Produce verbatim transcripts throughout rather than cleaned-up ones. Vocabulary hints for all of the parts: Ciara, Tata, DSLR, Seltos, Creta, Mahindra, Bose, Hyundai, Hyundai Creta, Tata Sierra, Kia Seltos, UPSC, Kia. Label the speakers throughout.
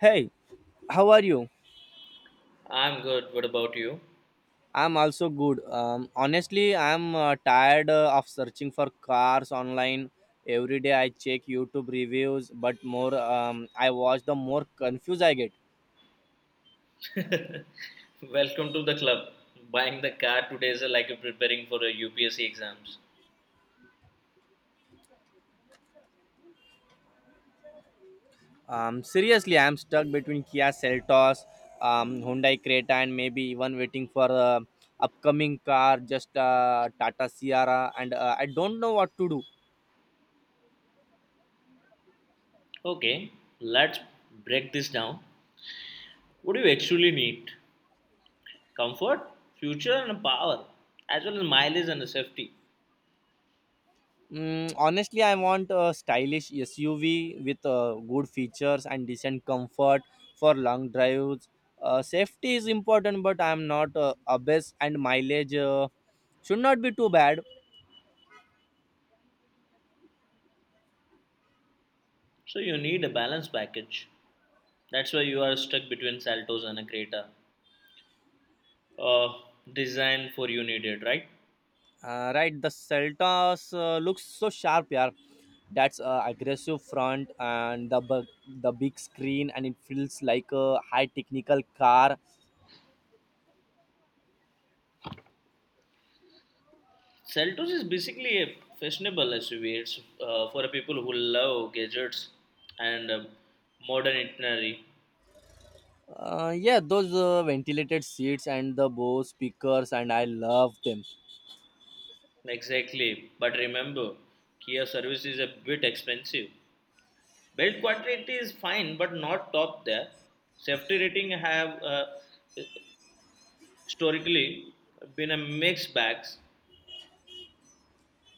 Speaker 1: Hey, how are you?
Speaker 2: I'm good. What about you?
Speaker 1: I'm also good. Um, honestly, I'm uh, tired uh, of searching for cars online. Every day I check YouTube reviews, but more um, I watch, the more confused I get.
Speaker 2: Welcome to the club. Buying the car today is like preparing for a U P S C exams.
Speaker 1: Um, seriously, I'm stuck between Kia Seltos, um, Hyundai Creta, and maybe even waiting for uh, upcoming car, just uh, Tata Sierra, and uh, I don't know what to do.
Speaker 2: Okay, let's break this down. What do you actually need? Comfort, future, and power, as well as mileage and safety.
Speaker 1: Mm, honestly, I want a stylish S U V with uh, good features and decent comfort for long drives. Uh, safety is important, but I am not uh, obese, and mileage uh, should not be too bad.
Speaker 2: So you need a balanced package. That's why you are stuck between Saltos and a Creta. Uh, design for you needed, right?
Speaker 1: Uh, right, the Celtas uh, looks so sharp, yeah. That's uh, aggressive front and the bu- the big screen, and it feels like a high technical car.
Speaker 2: Seltos is basically a fashionable S U V. It's uh, for people who love gadgets and um, modern itinerary.
Speaker 1: Uh, yeah, those uh, ventilated seats and the Bose speakers, and I love them.
Speaker 2: Exactly. But remember, Kia service is a bit expensive. Build quality is fine, but not top there. Safety rating have uh, historically been a mixed bags.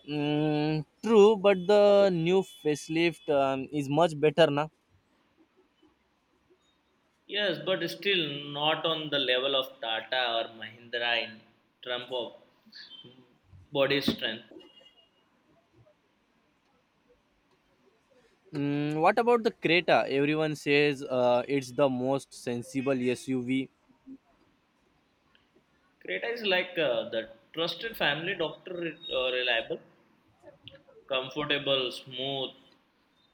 Speaker 1: Mm, true, but the new facelift um, is much better now.
Speaker 2: Yes, but still not on the level of Tata or Mahindra in terms of body strength.
Speaker 1: Mm, what about the Creta? Everyone says uh, it's the most sensible S U V.
Speaker 2: Creta is like uh, the trusted family doctor, uh, reliable, comfortable, smooth.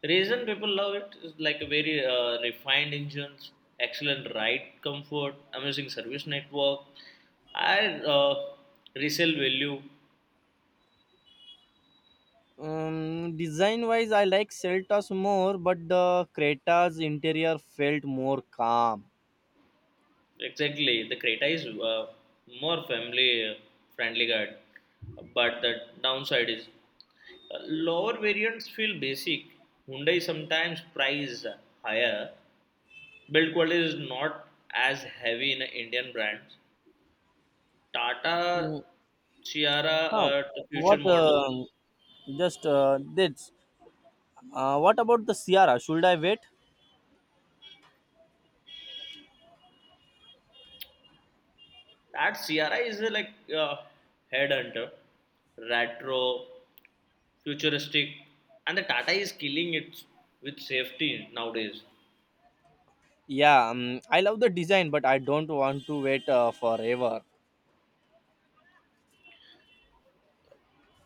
Speaker 2: Reason people love it is like a very uh, refined engines, excellent ride comfort, amazing service network, and uh, resale value.
Speaker 1: Um, design wise, I like Celtas more, but the Creta's interior felt more calm.
Speaker 2: Exactly, the Creta is uh, more family friendly guide, but the downside is uh, lower variants feel basic. Hyundai sometimes price higher. Build quality is not as heavy in Indian brands.
Speaker 1: Mm,
Speaker 2: Tata Ciara,
Speaker 1: huh.
Speaker 2: uh, the future
Speaker 1: What?
Speaker 2: model.
Speaker 1: Um just uh, This. Uh, what about the Sierra? Should I wait?
Speaker 2: That Ciara is uh, like uh, headhunter, retro, futuristic, and the Tata is killing it with safety nowadays.
Speaker 1: Yeah, um, I love the design, but I don't want to wait uh, forever.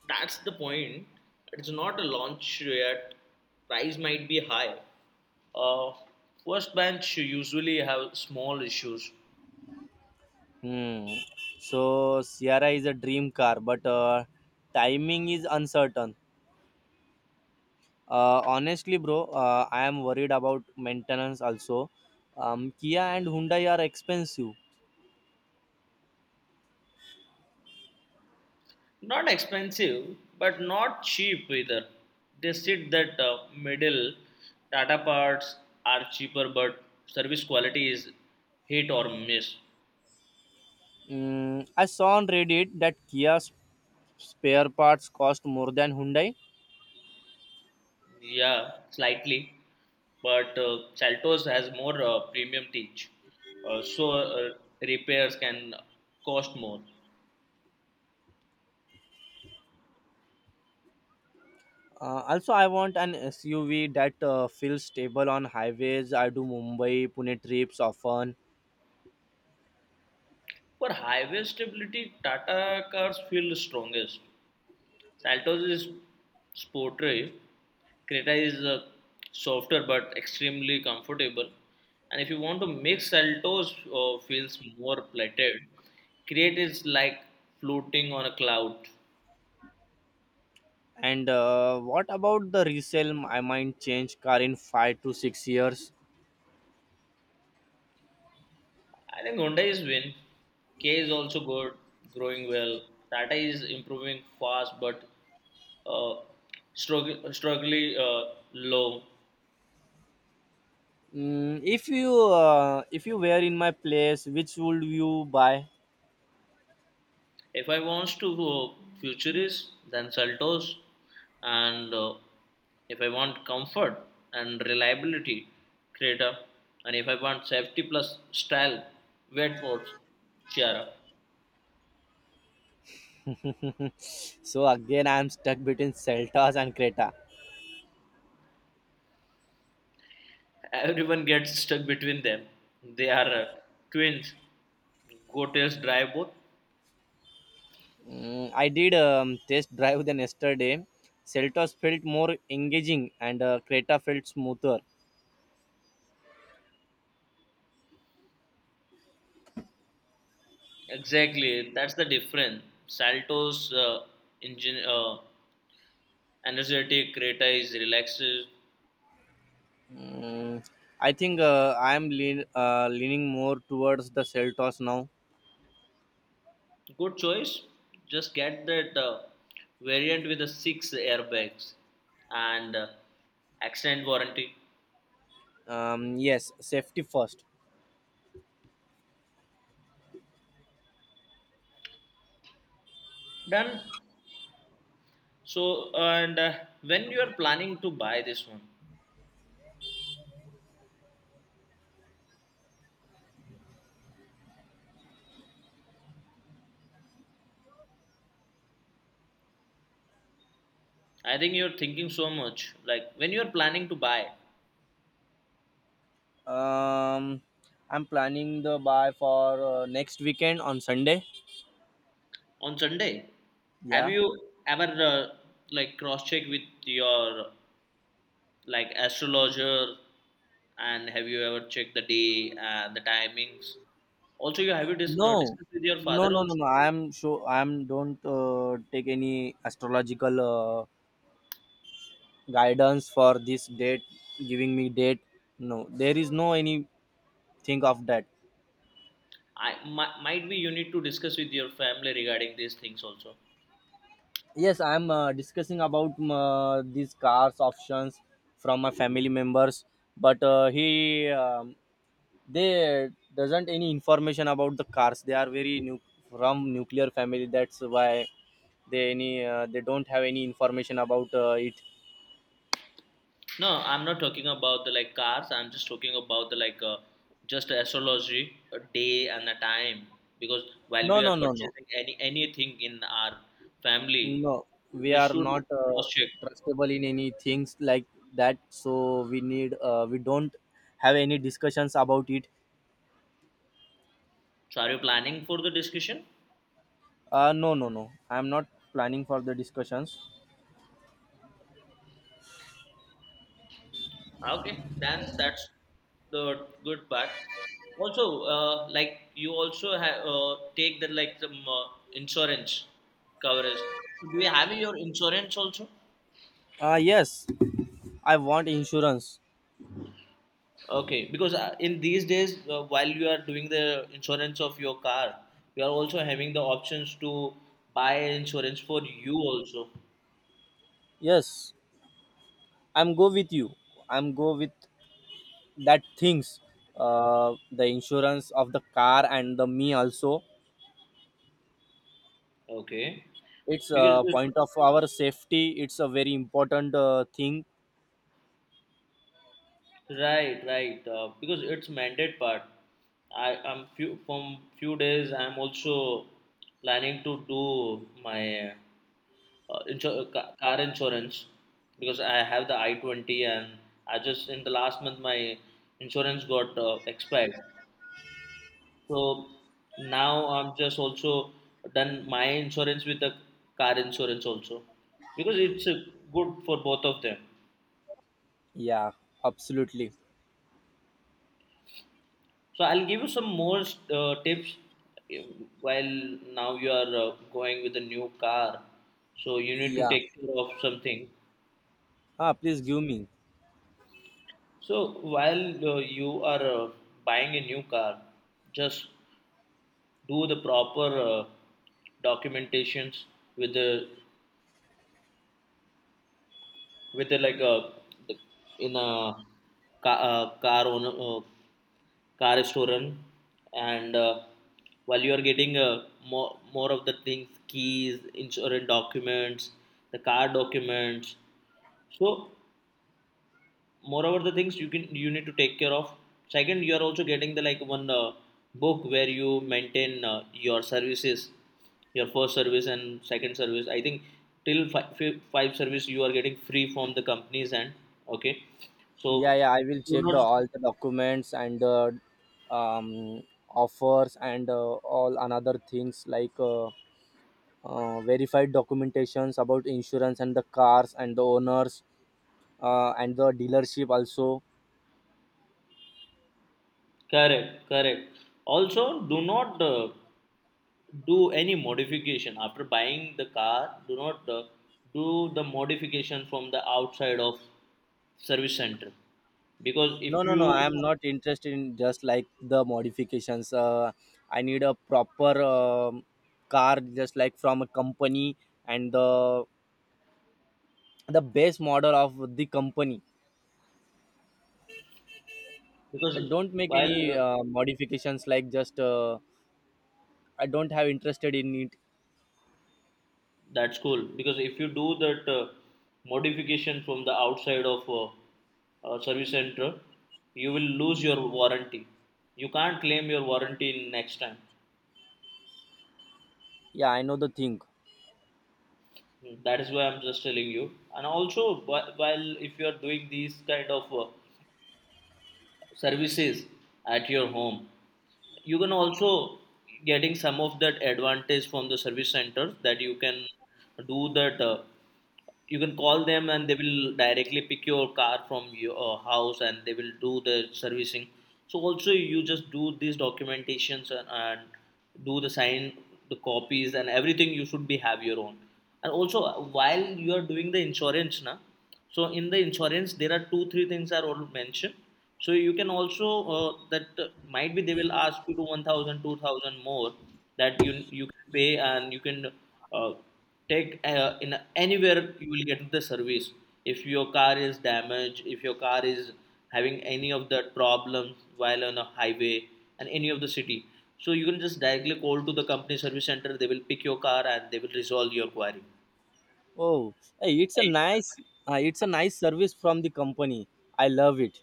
Speaker 2: That's the point. It's not a launch yet. Price might be high. Uh, first bench usually have small issues.
Speaker 1: Hmm. So Sierra is a dream car, but uh, timing is uncertain. Uh, honestly, bro, uh, I am worried about maintenance also. Um, Kia and Hyundai are expensive.
Speaker 2: Not expensive, but not cheap either. They said that uh, middle Tata parts are cheaper, but service quality is hit or miss.
Speaker 1: Mm, I saw on Reddit that Kia's spare parts cost more than Hyundai.
Speaker 2: Yeah, slightly. But uh, Saltos has more uh, premium teach, uh, so uh, repairs can cost more.
Speaker 1: Uh, also, I want an S U V that uh, feels stable on highways. I do Mumbai Pune trips often.
Speaker 2: For highway stability, Tata cars feel strongest. Saltos is sporty, Creta is uh, softer but extremely comfortable. And if you want to make Saltos uh, feels more plated, Crete is like floating on a cloud.
Speaker 1: And uh, what about the resale? I might change car in five to six years.
Speaker 2: I think Hyundai is win. K is also good, growing well. Tata is improving fast but uh, strugg- struggling uh, low.
Speaker 1: Mm, if you uh, if you were in my place, which would you buy?
Speaker 2: If I wants to go futurist, then Seltos, and uh, if I want comfort and reliability, Creta, and if I want safety plus style, Wetworth, Chiara.
Speaker 1: So again, I'm stuck between Celtas and Creta.
Speaker 2: Everyone gets stuck between them. They are uh, twins. Gotails drive both.
Speaker 1: Mm, I did um, test drive then yesterday. Celtas felt more engaging and uh, Creta felt smoother.
Speaker 2: Exactly, that's the difference. Salto's uh, engine, uh, energetic, Creta is relaxed.
Speaker 1: Mm, I think uh, I'm lean, uh, leaning more towards the Celtas now.
Speaker 2: Good choice. Just get that uh, variant with the six airbags and uh, accident warranty.
Speaker 1: Um, yes, safety first.
Speaker 2: Done. So and uh, when you are planning to buy this one, I think you're thinking so much. Like when you are planning to buy
Speaker 1: Um, I'm planning the buy for uh, next weekend on Sunday.
Speaker 2: on Sunday, have
Speaker 1: Yeah.
Speaker 2: you ever uh, like cross check with your like astrologer and have you ever checked the day and the timings? Also, you have you dis- uh,
Speaker 1: No,
Speaker 2: discussed with your
Speaker 1: no,
Speaker 2: father
Speaker 1: no, no,
Speaker 2: also?
Speaker 1: no. I am sure I am don't uh, take any astrological uh, guidance for this date, giving me date. No, there is no anything of that.
Speaker 2: I mi- might be you need to discuss with your family regarding these things also.
Speaker 1: Yes, I am uh, discussing about um, uh, these cars options from my family members, but uh, he um, they doesn't any information about the cars. They are very nu- from nuclear family. That's why they any uh, they don't have any information about uh, it.
Speaker 2: No, I'm not talking about the like cars. I'm just talking about the like uh, just astrology, a day and a time. Because while
Speaker 1: No,
Speaker 2: we are
Speaker 1: no, no, no.
Speaker 2: purchasing any anything in our family,
Speaker 1: No, we
Speaker 2: we
Speaker 1: are
Speaker 2: should
Speaker 1: not uh,
Speaker 2: cross check.
Speaker 1: trustable in any things like that. So we need, uh, we don't have any discussions about it.
Speaker 2: So are you planning for the discussion?
Speaker 1: Uh, no, no, no. I am not planning for the discussions.
Speaker 2: Okay, then that's the good part. Also, uh, like you also have uh, take the like some uh, insurance coverage. So do you have your insurance also?
Speaker 1: Uh, yes, I want insurance.
Speaker 2: Okay, because uh, in these days, uh, while you are doing the insurance of your car, you are also having the options to buy insurance for you also.
Speaker 1: Yes, I'm go with you. I'm go with that things. Uh, the insurance of the car and the me also.
Speaker 2: Okay,
Speaker 1: It's
Speaker 2: because
Speaker 1: a point of our safety. It's a very important uh, thing.
Speaker 2: Right, right. Uh, because it's mandate part. I am few from few days. I am also planning to do my uh, insur- ca- car insurance because I have the I twenty and I just in the last month my insurance got uh, expired. So now I'm just also done my insurance with the car insurance also because it's uh, good for both of them.
Speaker 1: Yeah, absolutely.
Speaker 2: So I'll give you some more uh, tips uh, while now you are uh, going with a new car. So you need to
Speaker 1: Yeah.
Speaker 2: take care of something.
Speaker 1: Ah, please give me.
Speaker 2: So while uh, you are uh, buying a new car, just do the proper uh, documentations with the with the like a the, in a car uh, car owner uh, car restaurant and uh, while you are getting uh, more, more of the things, keys, insurance documents, the car documents, so moreover the things you can you need to take care of. Second, you are also getting the like one uh, book where you maintain uh, your services, your first service and second service. I think till five, five service you are getting free from the companies. And okay, so
Speaker 1: Yeah, yeah, I will
Speaker 2: do
Speaker 1: check the
Speaker 2: not.
Speaker 1: all the documents and uh, um, offers and uh, all another things like uh, uh, verified documentations about insurance and the cars and the owners uh, and the dealership also.
Speaker 2: Correct, correct. Also, do not uh, do any modification after buying the car. Do not uh, do the modification from the outside of service center because
Speaker 1: No,
Speaker 2: if
Speaker 1: no, no. I am
Speaker 2: you
Speaker 1: not interested in just like the modifications. Uh, I need a proper um car, just like from a company and the the base model of the company. I
Speaker 2: because
Speaker 1: don't make
Speaker 2: while
Speaker 1: any
Speaker 2: uh,
Speaker 1: uh, modifications like just uh, I don't have interested in it.
Speaker 2: that's cool because if you do that uh, modification from the outside of uh, uh, service center, you will lose your warranty. You can't claim your warranty next time.
Speaker 1: Yeah, I know the thing.
Speaker 2: Mm, that is why I'm just telling you. And also, whi- while if you are doing these kind of uh, services at your home, you can also getting some of that advantage from the service centers that you can do that. Uh, you can call them and they will directly pick your car from your uh, house and they will do the servicing. So also you just do these documentations and, and do the sign the copies and everything you should be have your own. And also uh, while you are doing the insurance na, so in the insurance there are two three things are all mentioned, so you can also uh, that uh, might be they will ask you to one thousand two thousand more, that you you pay and you can uh, take uh, in anywhere you will get the service. If your car is damaged, if your car is having any of the problems while on a highway and any of the city, so you can just directly call to the company service center. They will pick your car and they will resolve your query.
Speaker 1: Oh, hey, it's a nice uh, it's a nice service from the company. I love it.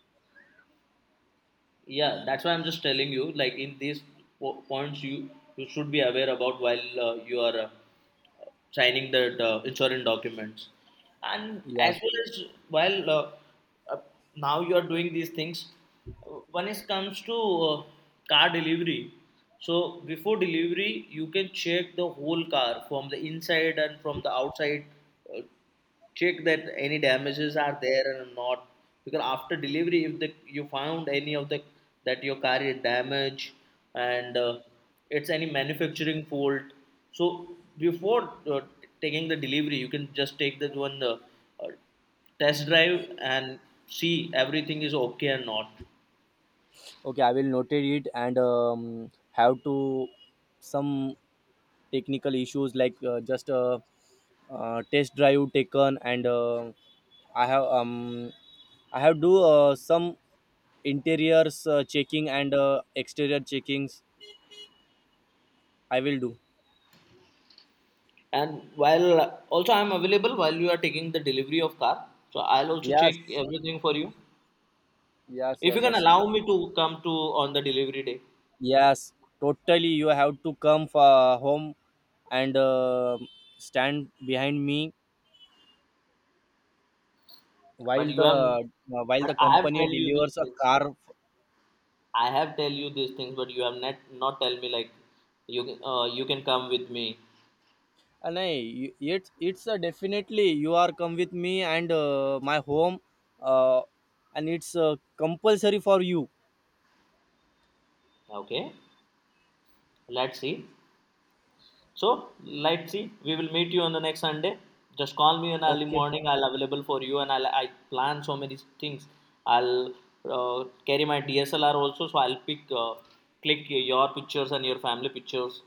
Speaker 2: Yeah, that's why I'm just telling you like in these po- points you you should be aware about while uh, you are uh, signing the uh, insurance documents and
Speaker 1: Yeah.
Speaker 2: as well as while uh, uh, now you are doing these things. Uh, when it comes to uh, car delivery, so before delivery you can check the whole car from the inside and from the outside. uh, Check that any damages are there or not, because after delivery if the you found any of the that your car is damaged and uh, it's any manufacturing fault. So before uh, taking the delivery you can just take that one uh, uh, test drive and see everything is okay or not.
Speaker 1: Okay, I will notate it and um, have to some technical issues like uh, just a uh, test drive taken and uh, I have um I have do uh, some interiors uh, checking and uh, exterior checkings. I will do.
Speaker 2: And while uh, also I'm available while you are taking the delivery of car, so I'll also check
Speaker 1: Yes,
Speaker 2: everything for you,
Speaker 1: yes,
Speaker 2: if you
Speaker 1: yes,
Speaker 2: can
Speaker 1: yes,
Speaker 2: allow me to come to on the delivery day.
Speaker 1: yes. Totally, you have to come for home and uh, stand behind me
Speaker 2: But
Speaker 1: while
Speaker 2: you
Speaker 1: the
Speaker 2: have,
Speaker 1: uh, while
Speaker 2: but
Speaker 1: the
Speaker 2: I have
Speaker 1: company
Speaker 2: tell you these
Speaker 1: delivers a
Speaker 2: things.
Speaker 1: car.
Speaker 2: I have tell you these things, but you have not not tell me like you can uh, you can come with me.
Speaker 1: And I, it's it's a definitely you are come with me and uh, my home, uh, and it's uh, compulsory for you.
Speaker 2: Okay, let's see. So let's see. We will meet you on the next Sunday. Just call me in early
Speaker 1: Okay,
Speaker 2: morning. I'll available for you, and I'll I plan so many things. I'll uh, carry my D S L R also, so I'll pick uh, click your pictures and your family pictures.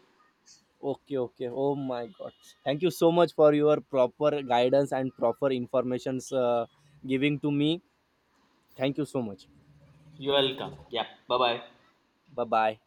Speaker 1: okay, okay. Oh my God! Thank you so much for your proper guidance and proper informations uh, giving to me. Thank you so much.
Speaker 2: You're welcome. Yeah. Bye bye.
Speaker 1: Bye bye.